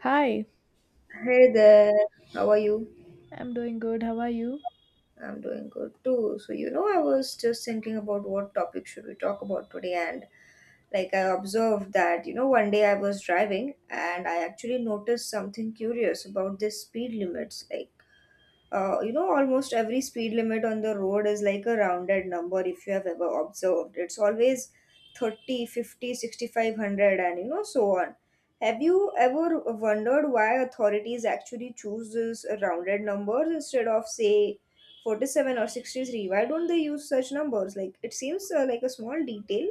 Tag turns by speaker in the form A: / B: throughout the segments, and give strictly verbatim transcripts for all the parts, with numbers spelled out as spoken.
A: Hi,
B: Hey there, how are you?
A: I'm doing good. How are you?
B: I'm doing good too. So, you know, I was just thinking about what topic should we talk about today, and like I observed that, you know, one day I was driving and I actually noticed something curious about these speed limits. Like, uh, you know almost every speed limit on the road is like a rounded number. If you have ever observed, it's always 30, 100, and you know so on. Have you ever wondered why authorities actually choose this rounded numbers instead of say forty-seven or sixty-three? Why don't they use such numbers? Like it seems uh, like a small detail,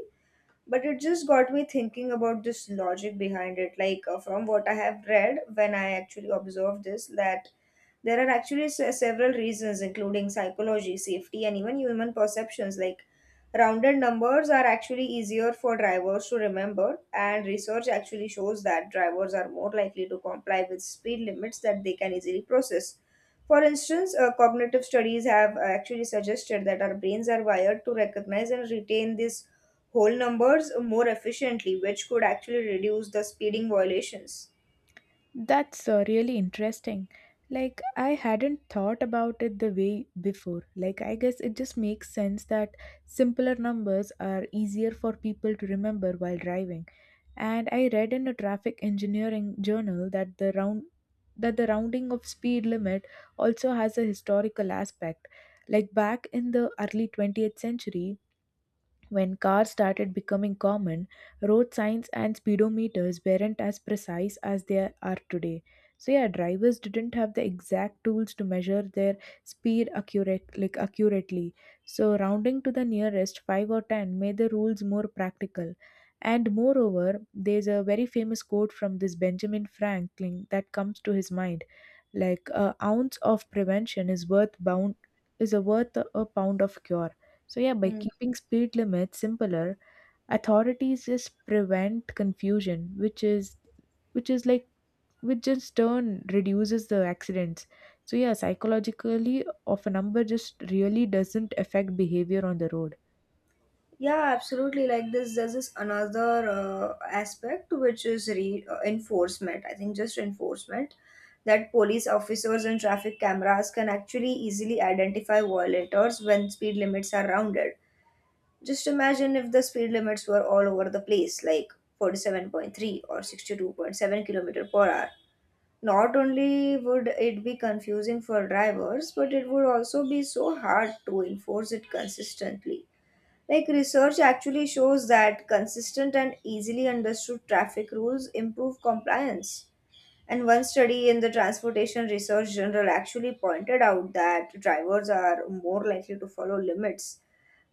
B: but it just got me thinking about this logic behind it. Like uh, from what I have read, when I actually observed this, that there are actually se- several reasons, including psychology, safety, and even human perceptions. Like rounded numbers are actually easier for drivers to remember, and research actually shows that drivers are more likely to comply with speed limits that they can easily process. For instance, uh, cognitive studies have uh, actually suggested that our brains are wired to recognize and retain these whole numbers more efficiently, which could actually reduce the speeding violations.
A: That's uh, really interesting. Like, I hadn't thought about it the way before. Like, I guess it just makes sense that simpler numbers are easier for people to remember while driving. And I read in a traffic engineering journal that the round that the rounding of speed limit also has a historical aspect. Like back in the early twentieth century, when cars started becoming common, road signs and speedometers weren't as precise as they are today. So yeah, drivers didn't have the exact tools to measure their speed accurate like accurately. So rounding to the nearest five or ten made the rules more practical. And moreover, there's a very famous quote from this Benjamin Franklin that comes to his mind. Like a ounce of prevention is worth bound is a worth a pound of cure. So, yeah, by keeping speed limits simpler, authorities just prevent confusion, which is which is like which just turn reduces the accidents. So yeah, psychologically of a number just really doesn't affect behavior on the road.
B: Yeah, absolutely. Like this, there's this another uh, aspect, which is re- uh, enforcement. I think just enforcement, that police officers and traffic cameras can actually easily identify violators when speed limits are rounded. Just imagine if the speed limits were all over the place, like forty-seven point three or sixty-two point seven kilometer per hour. Not only would it be confusing for drivers, but it would also be so hard to enforce it consistently. Like research actually shows that consistent and easily understood traffic rules improve compliance. And one study in the Transportation Research Journal actually pointed out that drivers are more likely to follow limits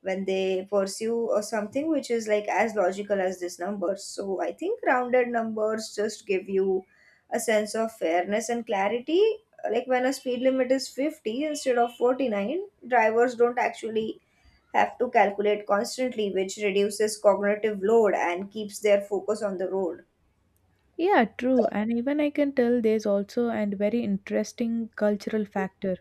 B: when they pursue or something, which is like as logical as this number. So I think rounded numbers just give you a sense of fairness and clarity. Like when a speed limit is fifty instead of forty-nine, drivers don't actually have to calculate constantly, which reduces cognitive load and keeps their focus on the road.
A: Yeah, true. And even I can tell there's also a very interesting cultural factor.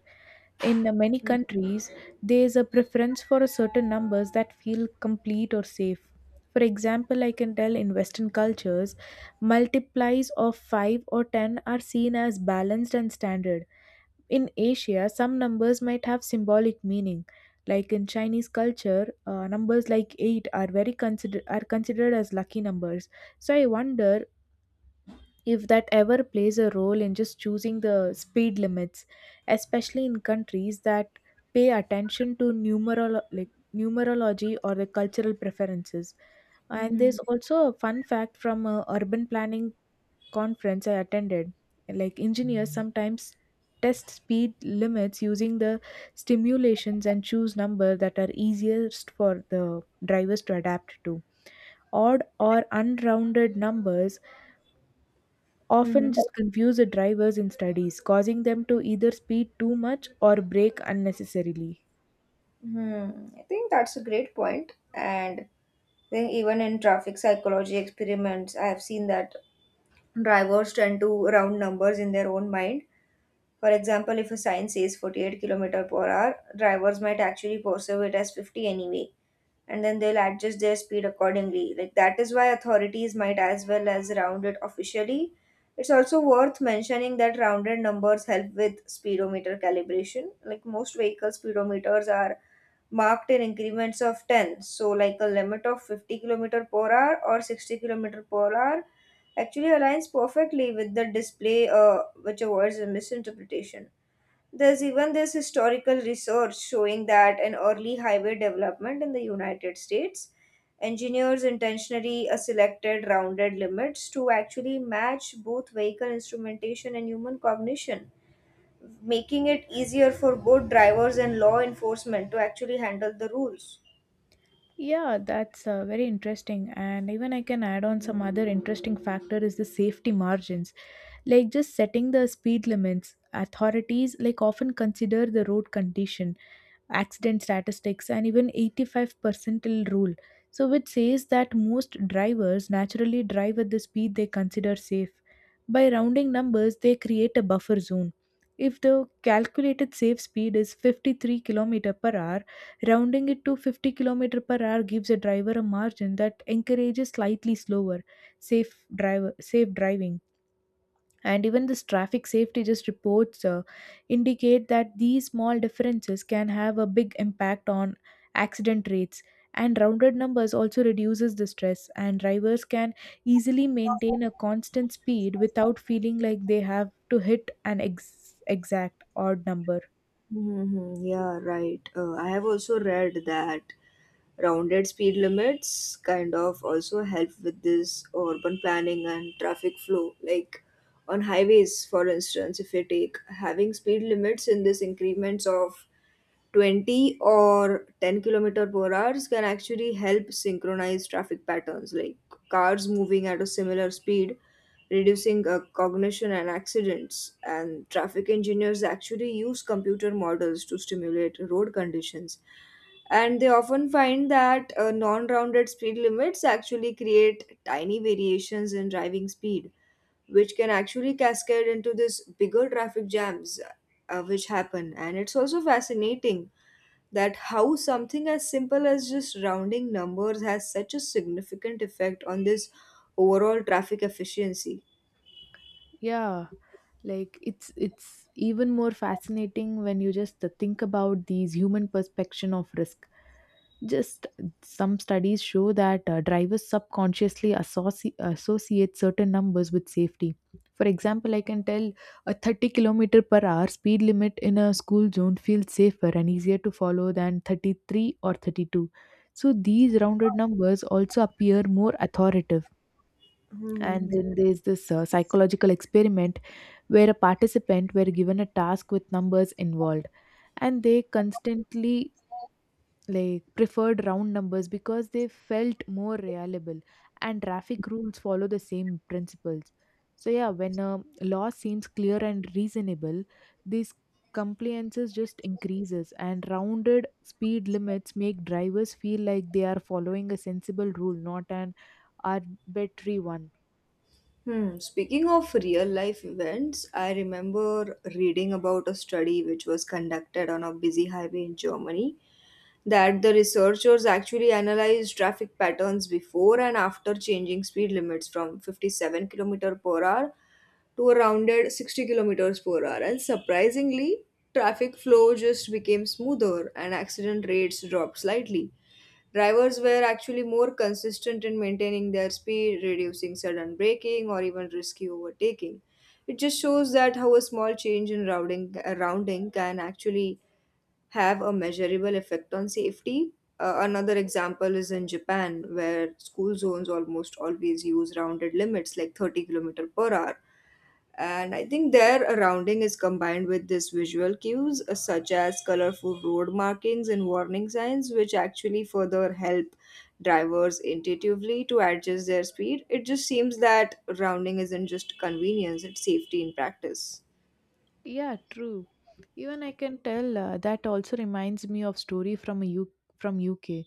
A: In many countries, there's a preference for a certain numbers that feel complete or safe. For example, I can tell in Western cultures, multiplies of five or ten are seen as balanced and standard. In Asia, some numbers might have symbolic meaning. Like in Chinese culture, uh, numbers like eight are very consider- are considered as lucky numbers. So I wonder if that ever plays a role in just choosing the speed limits, especially in countries that pay attention to numerolo- like numerology or the cultural preferences. And there's
B: Mm-hmm.
A: also a fun fact from a urban planning conference I attended. Like engineers sometimes test speed limits using the stimulations and choose number that are easiest for the drivers to adapt to. Odd or unrounded numbers often
B: Mm-hmm.
A: just confuse the drivers in studies, causing them to either speed too much or brake unnecessarily.
B: Mm-hmm. I think that's a great point. And I think even in traffic psychology experiments, I have seen that drivers tend to round numbers in their own mind. For example, if a sign says forty-eight k m per hour, drivers might actually perceive it as fifty anyway, and then they'll adjust their speed accordingly. Like that is why authorities might as well as round it officially. It's also worth mentioning that rounded numbers help with speedometer calibration. Like most vehicle speedometers are marked in increments of ten, so like a limit of fifty kilometer per hour or sixty kilometer per hour actually aligns perfectly with the display, uh, which avoids a misinterpretation. There's even this historical research showing that in early highway development in the United States, engineers intentionally uh, selected rounded limits to actually match both vehicle instrumentation and human cognition, making it easier for both drivers and law enforcement to actually handle the rules.
A: Yeah, that's uh, very interesting. And even I can add on some other interesting factor is the safety margins. Like just setting the speed limits, authorities like often consider the road condition, accident statistics, and even eighty-five percentile rule. So which says that most drivers naturally drive at the speed they consider safe. By rounding numbers, they create a buffer zone. If the calculated safe speed is fifty-three kilometer per hour, rounding it to fifty k m per hour gives a driver a margin that encourages slightly slower, safe, driver, safe driving. And even this traffic safety just reports uh, indicate that these small differences can have a big impact on accident rates. And rounded numbers also reduces the stress, and drivers can easily maintain a constant speed without feeling like they have to hit an ex- exact odd number.
B: Mm-hmm. Yeah, right. Uh, I have also read that rounded speed limits kind of also help with this urban planning and traffic flow. Like on highways, for instance, if you take having speed limits in this increments of twenty or ten kilometer per hours, can actually help synchronize traffic patterns, like cars moving at a similar speed, reducing uh, cognition and accidents. And traffic engineers actually use computer models to stimulate road conditions, and they often find that uh, non-rounded speed limits actually create tiny variations in driving speed, which can actually cascade into this bigger traffic jams, uh, which happen. And it's also fascinating that how something as simple as just rounding numbers has such a significant effect on this overall traffic efficiency.
A: Yeah, like it's it's even more fascinating when you just think about these human perception of risk. Just some studies show that uh, drivers subconsciously associ- associate certain numbers with safety. For example, I can tell a thirty kilometer per hour speed limit in a school zone feels safer and easier to follow than thirty-three or thirty-two. So these rounded numbers also appear more authoritative. And
B: Mhm.
A: then there's this uh, psychological experiment where a participant were given a task with numbers involved, and they constantly like preferred round numbers because they felt more reliable, and traffic rules follow the same principles. So yeah, when a law seems clear and reasonable, these compliances just increases, and rounded speed limits make drivers feel like they are following a sensible rule, not an arbitrary one.
B: Hmm. Speaking of real life events, I remember reading about a study which was conducted on a busy highway in Germany, that the researchers actually analyzed traffic patterns before and after changing speed limits from fifty-seven kilometer per hour to a rounded sixty kilometers per hour. And surprisingly, traffic flow just became smoother and accident rates dropped slightly. Drivers were actually more consistent in maintaining their speed, reducing sudden braking or even risky overtaking. It just shows that how a small change in routing, uh, rounding, can actually have a measurable effect on safety. Uh, another example is in Japan, where school zones almost always use rounded limits like thirty k m per hour. And I think their rounding is combined with these visual cues, uh, such as colorful road markings and warning signs, which actually further help drivers intuitively to adjust their speed. It just seems that rounding isn't just convenience, it's safety in practice.
A: Yeah, true. Even I can tell uh, that also reminds me of story from a U- from U K,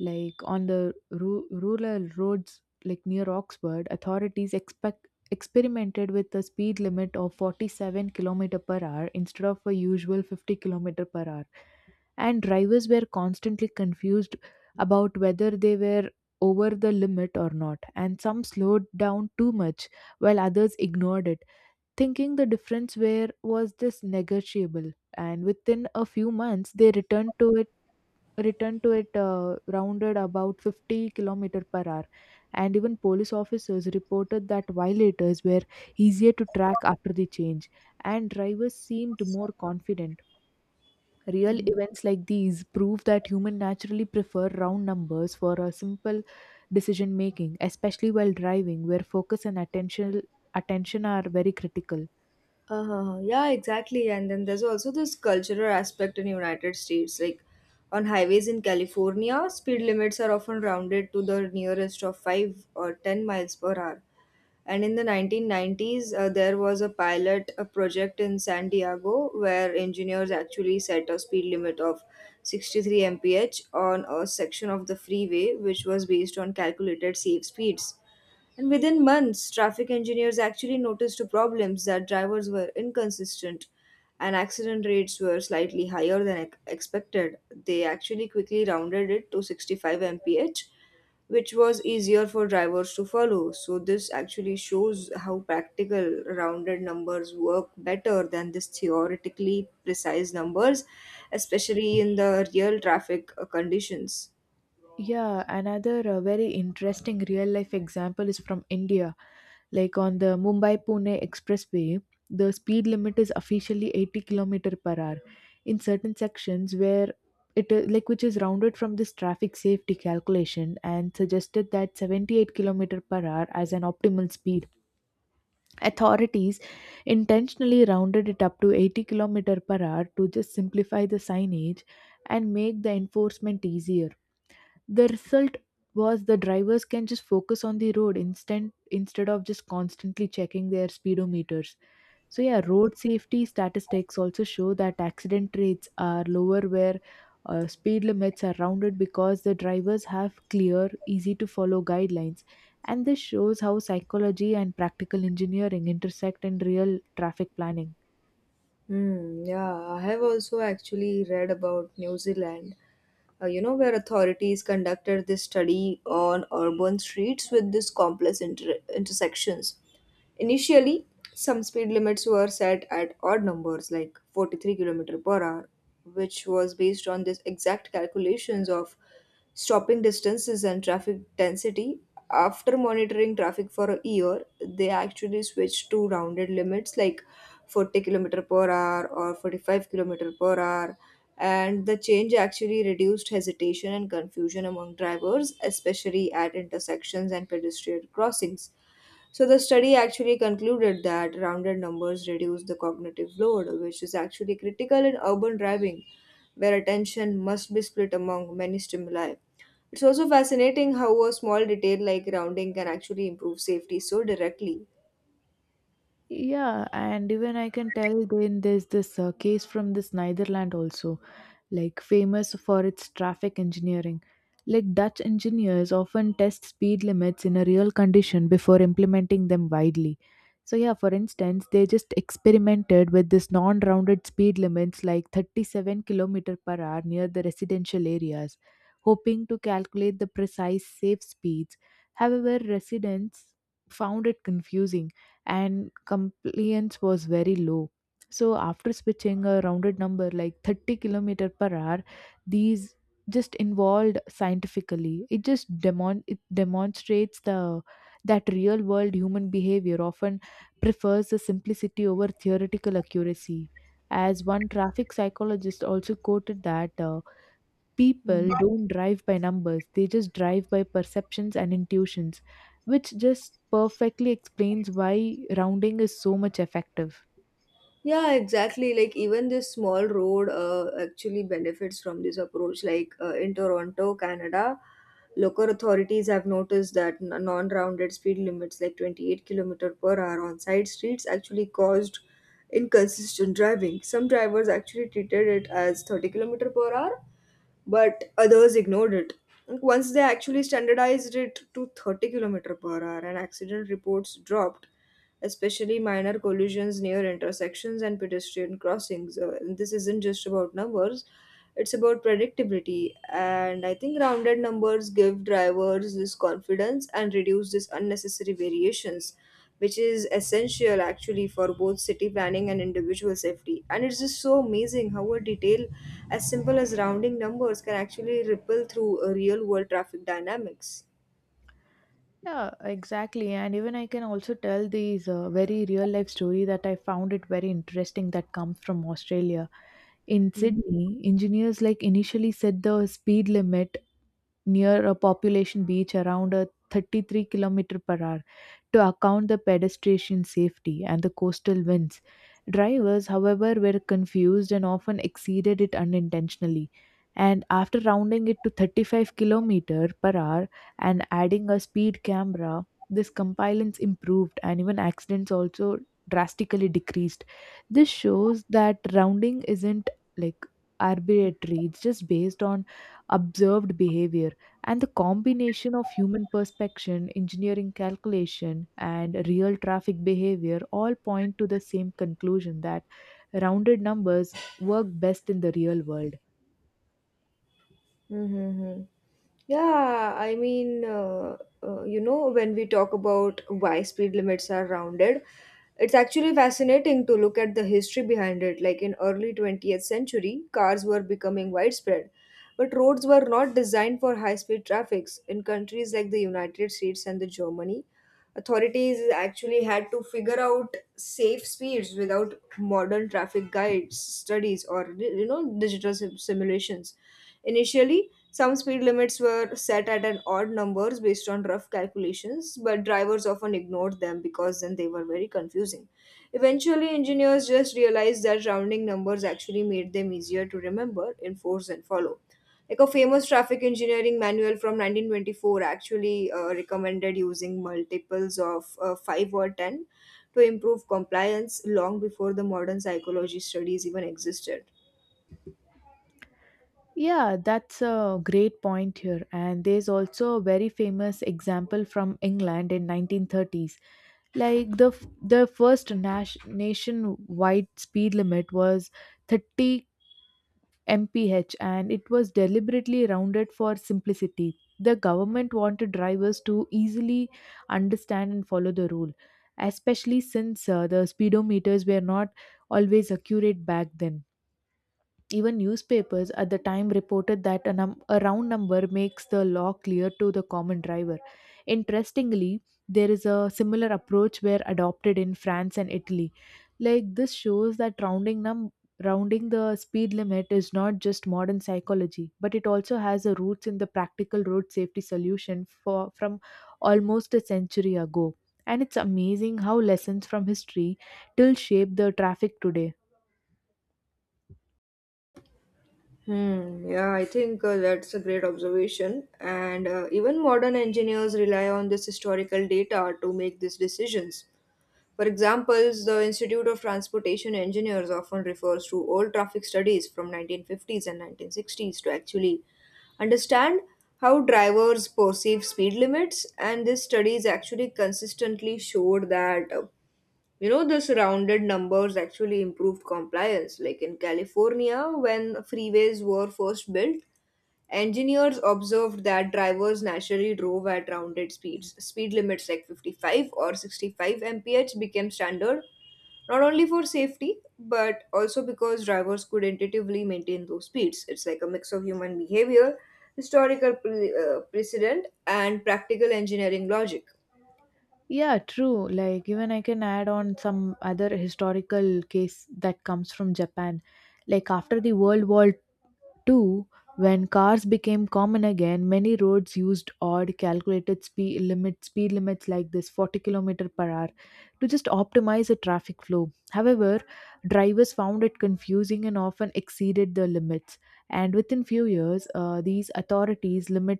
A: like on the ru- rural roads, like near Oxford, authorities expect experimented with a speed limit of forty-seven kilometer per hour instead of a usual fifty kilometer per hour, and drivers were constantly confused about whether they were over the limit or not, and some slowed down too much while others ignored it, thinking the difference where was this negotiable. And within a few months they returned to it returned to it, uh, rounded about fifty kilometer per hour. And even police officers reported that violators were easier to track after the change, and drivers seemed more confident. Real events like these prove that humans naturally prefer round numbers for a simple decision making, especially while driving where focus and attention attention are very critical.
B: Uh, yeah, exactly. And then there's also this cultural aspect in United States. Like on highways in California, speed limits are often rounded to the nearest of five or ten miles per hour. And in the nineteen nineties, uh, there was a pilot a project in San Diego, where engineers actually set a speed limit of sixty-three m p h on a section of the freeway, which was based on calculated safe speeds. And within months, traffic engineers actually noticed problems that drivers were inconsistent and accident rates were slightly higher than ex- expected. They actually quickly rounded it to sixty-five m p h, which was easier for drivers to follow. So this actually shows how practical rounded numbers work better than this theoretically precise numbers, especially in the real traffic uh, conditions.
A: Yeah, another uh, very interesting real life example is from India. Like on the Mumbai Pune expressway, the speed limit is officially eighty kilometer per hour in certain sections where it uh, like which is rounded from this traffic safety calculation and suggested that seventy-eight kilometer per hour as an optimal speed. Authorities intentionally rounded it up to eighty kilometer per hour to just simplify the signage and make the enforcement easier. The result was the drivers can just focus on the road instead instead of just constantly checking their speedometers. So yeah, road safety statistics also show that accident rates are lower where uh, speed limits are rounded, because the drivers have clear easy to follow guidelines. And this shows how psychology and practical engineering intersect in real traffic planning.
B: Hmm, yeah, I have also actually read about New Zealand, uh, you know, where authorities conducted this study on urban streets with this complex inter intersections. Initially, some speed limits were set at odd numbers like forty-three kilometer per hour, which was based on this exact calculations of stopping distances and traffic density. After monitoring traffic for a year, they actually switched to rounded limits like forty kilometer per hour or forty-five kilometer per hour. And the change actually reduced hesitation and confusion among drivers, especially at intersections and pedestrian crossings. So the study actually concluded that rounded numbers reduce the cognitive load, which is actually critical in urban driving, where attention must be split among many stimuli. It's also fascinating how a small detail like rounding can actually improve safety so directly.
A: Yeah, and even I can tell then there's this uh, case from this Netherland also. Like famous for its traffic engineering. Like Dutch engineers often test speed limits in a real condition before implementing them widely. So yeah, for instance, they just experimented with this non-rounded speed limits like thirty-seven kilometer per hour near the residential areas, hoping to calculate the precise safe speeds. However, residents found it confusing and compliance was very low. So after switching a rounded number like thirty kilometer per hour, these just involved scientifically. It just demon it demonstrates the that real world human behavior often prefers the simplicity over theoretical accuracy. As one traffic psychologist also quoted that uh,
B: Mhm.
A: people don't drive by numbers, they just drive by perceptions and intuitions, which just perfectly explains why rounding is so much effective.
B: Yeah, exactly. Like even this small road uh, actually benefits from this approach. Like uh, in Toronto, Canada, local authorities have noticed that n- non-rounded speed limits like twenty-eight kilometer per hour on side streets actually caused inconsistent driving. Some drivers actually treated it as thirty kilometer per hour, but others ignored it. Once they actually standardized it to thirty k m per hour, and accident reports dropped, especially minor collisions near intersections and pedestrian crossings. Uh, and this isn't just about numbers, it's about predictability. And I think rounded numbers give drivers this confidence and reduce this unnecessary variations, which is essential actually for both city planning and individual safety. And it's just so amazing how a detail as simple as rounding numbers can actually ripple through uh, real world traffic dynamics.
A: Yeah, exactly. And even I can also tell these uh, very real life story that I found it very interesting that comes from Australia. In Sydney, engineers like initially set the speed limit near a population beach around a thirty-three kilometer per hour to account the pedestrian safety and the coastal winds. Drivers, however, were confused and often exceeded it unintentionally. And after rounding it to thirty-five kilometer per hour and adding a speed camera, this compliance improved, and even accidents also drastically decreased. This shows that rounding isn't like arbitrary, it's just based on observed behavior, and the combination of human perception, engineering calculation, and real traffic behavior all point to the same conclusion that rounded numbers work best in the real world.
B: Mm-hmm. Yeah, I mean, uh, uh, you know, when we talk about why speed limits are rounded, it's actually fascinating to look at the history behind it. Like in early twentieth century, cars were becoming widespread, but roads were not designed for high-speed traffics. In countries like the United States and the Germany, authorities actually had to figure out safe speeds without modern traffic guides, studies, or you know, digital sim- simulations. Initially, some speed limits were set at an odd numbers based on rough calculations, but drivers often ignored them because then they were very confusing. Eventually, engineers just realized that rounding numbers actually made them easier to remember, enforce, and follow. Like a famous traffic engineering manual from nineteen twenty-four actually uh, recommended using multiples of uh, five or ten to improve compliance long before the modern psychology studies even existed.
A: Yeah, that's a great point here. And there's also a very famous example from England in nineteen thirties. Like the f- the first nas- nationwide speed limit was thirty m p h, and it was deliberately rounded for simplicity. The government wanted drivers to easily understand and follow the rule, especially since uh, the speedometers were not always accurate back then. Even newspapers at the time reported that a, num- a round number makes the law clear to the common driver. Interestingly, there is a similar approach where adopted in France and Italy. Like this shows that rounding num rounding the speed limit is not just modern psychology, but it also has a roots in the practical road safety solution for from almost a century ago. And it's amazing how lessons from history still shape the traffic today.
B: Hmm, yeah, I think uh, that's a great observation. And uh, even modern engineers rely on this historical data to make these decisions. For example, the Institute of Transportation Engineers often refers to old traffic studies from nineteen fifties and nineteen sixties to actually understand how drivers perceive speed limits. And these studies actually consistently showed that uh, you know, this rounded numbers actually improved compliance. Like in California, when freeways were first built, engineers observed that drivers naturally drove at rounded speeds. Speed limits like fifty-five or sixty-five m p h became standard, not only for safety, but also because drivers could intuitively maintain those speeds. It's like a mix of human behavior, historical pre- uh, precedent, and practical engineering logic.
A: Yeah, true. Like even I can add on some other historical case that comes from Japan. Like after the World War Two, when cars became common again, many roads used odd calculated speed limit speed limits like this forty kilometer per hour to just optimize the traffic flow. However, drivers found it confusing and often exceeded the limits. And within few years, uh, these authorities limit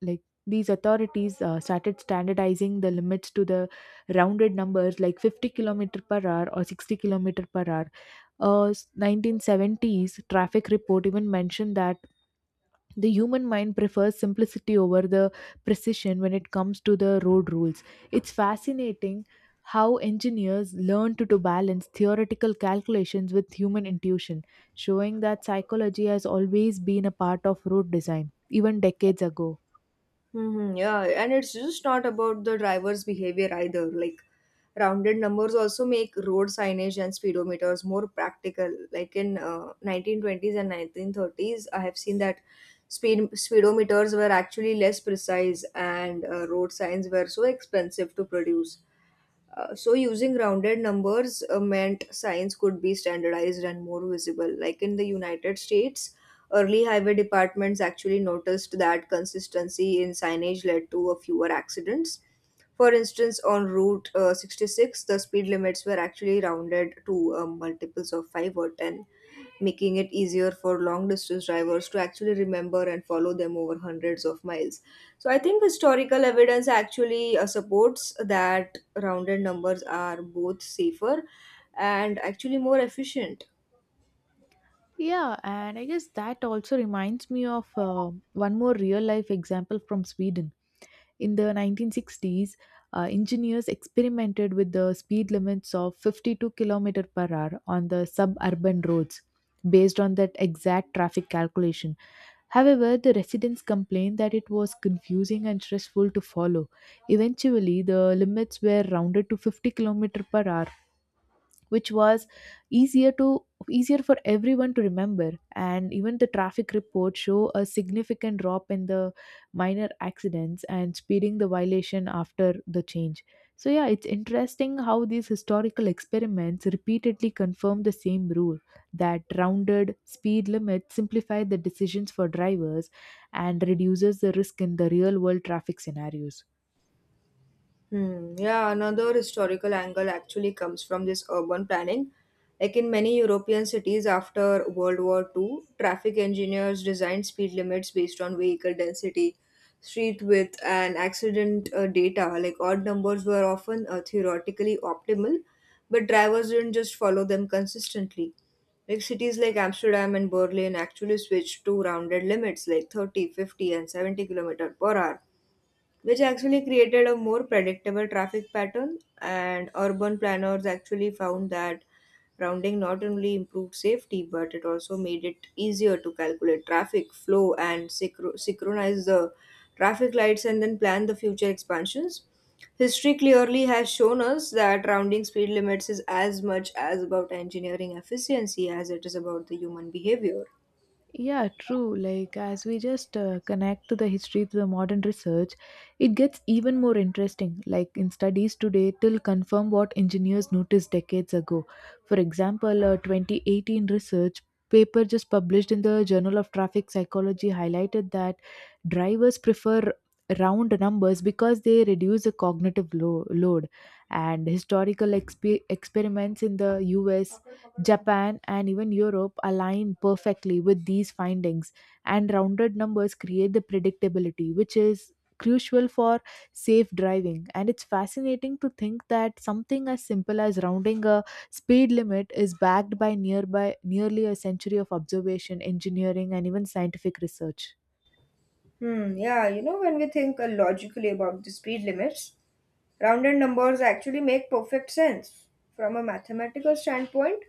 A: like these authorities uh, started standardizing the limits to the rounded numbers like fifty kilometer per hour or sixty kilometer per hour. Uh, nineteen seventies traffic report even mentioned that the human mind prefers simplicity over the precision when it comes to the road rules. It's fascinating how engineers learned to, to balance theoretical calculations with human intuition, showing that psychology has always been a part of road design, even decades ago.
B: Hmm, yeah, and it's just not about the driver's behavior either. Like rounded numbers also make road signage and speedometers more practical. Like in uh, nineteen twenties and nineteen thirties, I have seen that speed speedometers were actually less precise and uh, road signs were so expensive to produce. Uh, so using rounded numbers uh, meant science could be standardized and more visible. Like in the United States, early highway departments actually noticed that consistency in signage led to a fewer accidents. For instance, on Route uh, sixty-six, the speed limits were actually rounded to uh, multiples of five or ten, making it easier for long distance drivers to actually remember and follow them over hundreds of miles. So I think historical evidence actually uh, supports that rounded numbers are both safer and actually more efficient.
A: Yeah, and I guess that also reminds me of uh, one more real life example from Sweden. In the nineteen sixties, uh, engineers experimented with the speed limits of fifty-two kilometer per hour on the suburban roads based on that exact traffic calculation. However, the residents complained that it was confusing and stressful to follow. Eventually, the limits were rounded to fifty kilometer per hour which was easier to easier for everyone to remember, and even the traffic reports show a significant drop in the minor accidents and speeding the violation after the change. So yeah, it's interesting how these historical experiments repeatedly confirm the same rule that rounded speed limits simplify the decisions for drivers and reduces the risk in the real world traffic scenarios.
B: Hmm. Yeah, another historical angle actually comes from this urban planning. Like in many European cities after World War two, traffic engineers designed speed limits based on vehicle density, street width, and accident uh, data. Like odd numbers were often uh, theoretically optimal, but drivers didn't just follow them consistently. Like cities like Amsterdam and Berlin actually switched to rounded limits like thirty, fifty, and seventy kilometer per hour, which actually created a more predictable traffic pattern. And urban planners actually found that rounding not only improved safety, but it also made it easier to calculate traffic flow and synchro- synchronize the traffic lights and then plan the future expansions. History clearly has shown us that rounding speed limits is as much as about engineering efficiency as it is about the human behavior.
A: Yeah, true. Like, as we just uh, connect to the history to the modern research, it gets even more interesting. Like, in studies today, till confirm what engineers noticed decades ago. For example, a twenty eighteen research paper just published in the Journal of Traffic Psychology highlighted that drivers prefer round numbers because they reduce the cognitive lo- load, and historical exp- experiments in the U S, Japan, and even Europe align perfectly with these findings, and rounded numbers create the predictability, which is crucial for safe driving. And it's fascinating to think that something as simple as rounding a speed limit is backed by nearby nearly a century of observation, engineering, and even scientific research.
B: Hmm, yeah, you know, when we think uh, logically about the speed limits, rounded numbers actually make perfect sense. From a mathematical standpoint,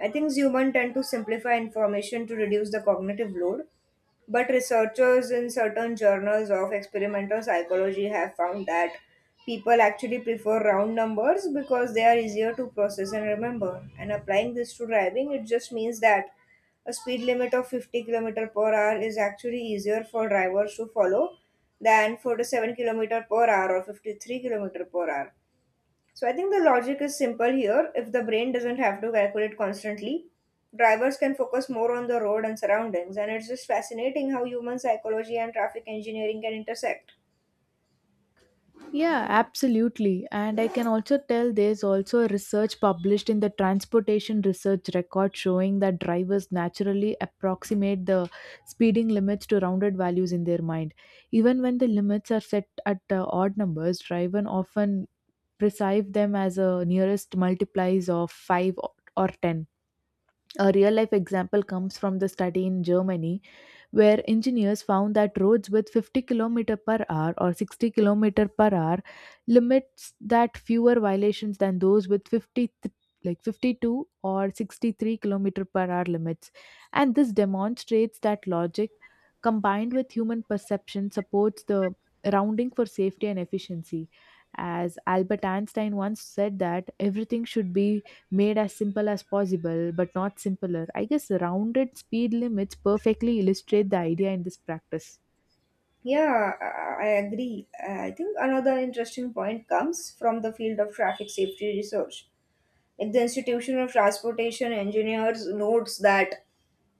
B: I think humans tend to simplify information to reduce the cognitive load, but researchers in certain journals of experimental psychology have found that people actually prefer round numbers because they are easier to process and remember. And applying this to driving, it just means that a speed limit of fifty kilometer per hour is actually easier for drivers to follow than forty-seven kilometer per hour or fifty-three kilometer per hour. So I think the logic is simple here. If the brain doesn't have to calculate constantly, drivers can focus more on the road and surroundings. And it's just fascinating how human psychology and traffic engineering can intersect.
A: Yeah, absolutely. And I can also tell there's also a research published in the Transportation Research Record showing that drivers naturally approximate the speeding limits to rounded values in their mind. Even when the limits are set at uh, odd numbers, drivers often perceive them as a nearest multiplies of five or or ten. A real life example comes from the study in Germany where engineers found that roads with fifty kilometer per hour or sixty kilometer per hour limits that fewer violations than those with fifty th- like fifty-two or sixty-three kilometer per hour limits, and this demonstrates that logic combined with human perception supports the rounding for safety and efficiency. As Albert Einstein once said, that everything should be made as simple as possible, but not simpler. I guess rounded speed limits perfectly illustrate the idea in this practice.
B: Yeah, I I agree. I think another interesting point comes from the field of traffic safety research. Like the Institution of Transportation Engineers notes that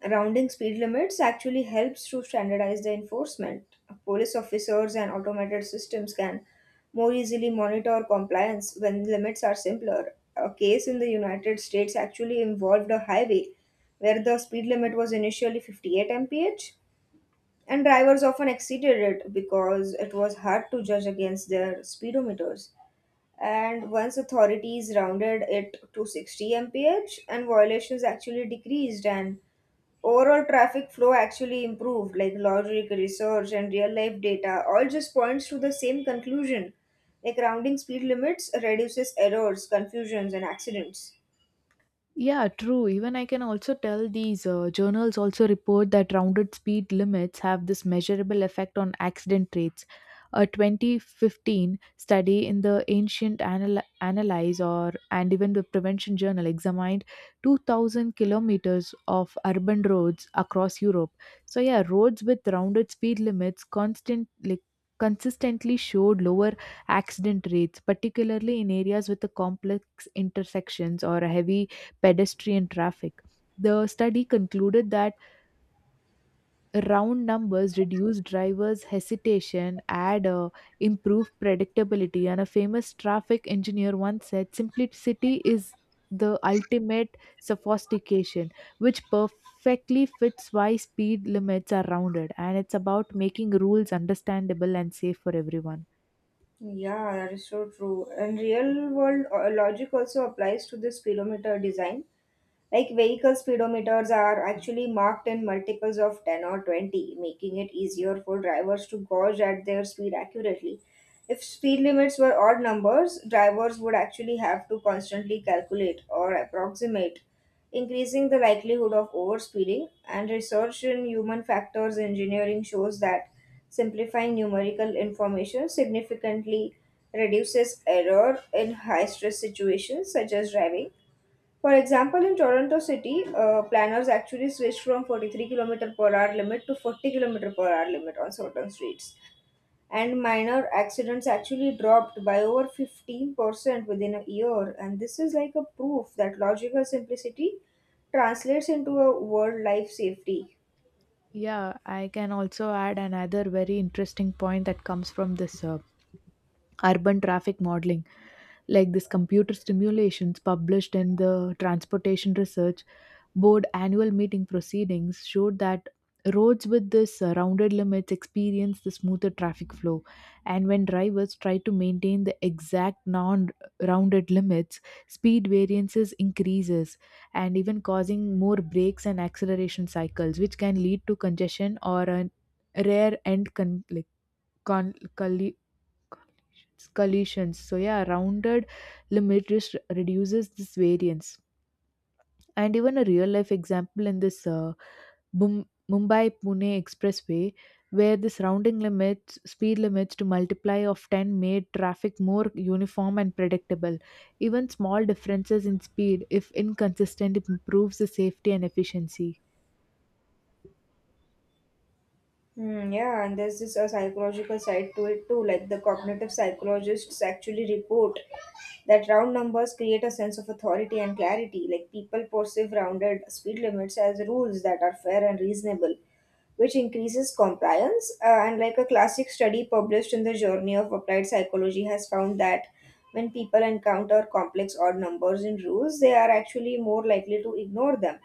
B: rounding speed limits actually helps to standardize the enforcement. Police officers and automated systems can more easily monitor compliance when limits are simpler. A case in the United States actually involved a highway where the speed limit was initially fifty-eight miles per hour and drivers often exceeded it because it was hard to judge against their speedometers. And once authorities rounded it to sixty miles per hour and violations actually decreased and overall traffic flow actually improved. Like logic, research, and real life data all just points to the same conclusion. Like rounding speed limits reduces errors, confusions, and accidents.
A: Yeah, true. Even I can also tell these uh, journals also report that rounded speed limits have this measurable effect on accident rates. A twenty fifteen study in the Ancient Anal- Analyze or and even the Prevention Journal examined two thousand kilometers of urban roads across Europe. So yeah, roads with rounded speed limits constant like consistently showed lower accident rates, particularly in areas with the complex intersections or a heavy pedestrian traffic. The study concluded that round numbers reduce drivers' hesitation, add uh, improve predictability. And a famous traffic engineer once said, "Simplicity is the ultimate sophistication," which perfectly fits why speed limits are rounded, and it's about making rules understandable and safe for everyone.
B: Yeah, that is so true. And real world uh, logic also applies to the speedometer design. Like vehicle speedometers are actually marked in multiples of ten or twenty, making it easier for drivers to gauge at their speed accurately. If speed limits were odd numbers, drivers would actually have to constantly calculate or approximate, increasing the likelihood of overspeeding. And research in human factors engineering shows that simplifying numerical information significantly reduces error in high stress situations such as driving. For example, in Toronto City, uh, planners actually switched from forty-three k m per hour limit to forty k m per hour limit on certain streets, and minor accidents actually dropped by over fifteen percent within a year. And this is like a proof that logical simplicity translates into a world life safety.
A: Yeah, I can also add another very interesting point that comes from this uh, urban traffic modeling, like this computer simulations published in the Transportation Research Board annual meeting proceedings showed that roads with this uh, rounded limits experience the smoother traffic flow, and when drivers try to maintain the exact non rounded limits, speed variances increases and even causing more brakes and acceleration cycles which can lead to congestion or a rare end con- like con- collisions. So yeah, rounded limit res- reduces this variance. And even a real life example in this uh, Bum- Mumbai Pune expressway, where this rounding limits speed limits to multiply of ten made traffic more uniform and predictable. Even small differences in speed, if inconsistent, improves the safety and efficiency.
B: Hmm, yeah, and there's this a psychological side to it too. Like the cognitive psychologists actually report that round numbers create a sense of authority and clarity. Like people perceive rounded speed limits as rules that are fair and reasonable, which increases compliance. Uh, and like a classic study published in the Journey of Applied Psychology has found that when people encounter complex odd numbers in rules, they are actually more likely to ignore them.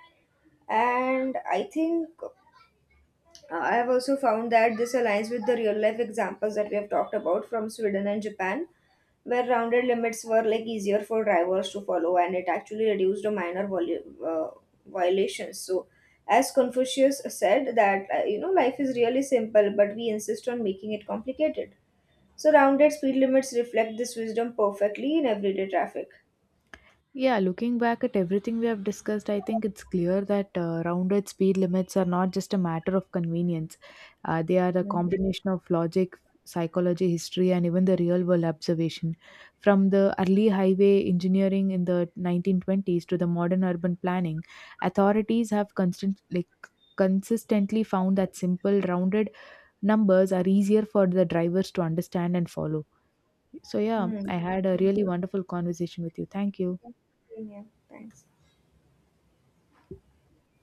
B: And I think uh, I have also found that this aligns with the real life examples that we have talked about from Sweden and Japan, where rounded limits were like easier for drivers to follow and it actually reduced the minor volu- uh, violations. So, as Confucius said, that uh, you know, life is really simple, but we insist on making it complicated. So, rounded speed limits reflect this wisdom perfectly in everyday traffic.
A: Yeah, looking back at everything we have discussed, I think it's clear that uh, rounded speed limits are not just a matter of convenience. Uh, they are a
B: Mhm.
A: combination of logic, psychology, history, and even the real world observation. From the early highway engineering in the nineteen twenties to the modern urban planning, authorities have constant, like, consistently found that simple rounded numbers are easier for the drivers to understand and follow. So, yeah,
B: Hmm.
A: I had a really wonderful conversation with you. Thank you.
B: Yeah. Thanks.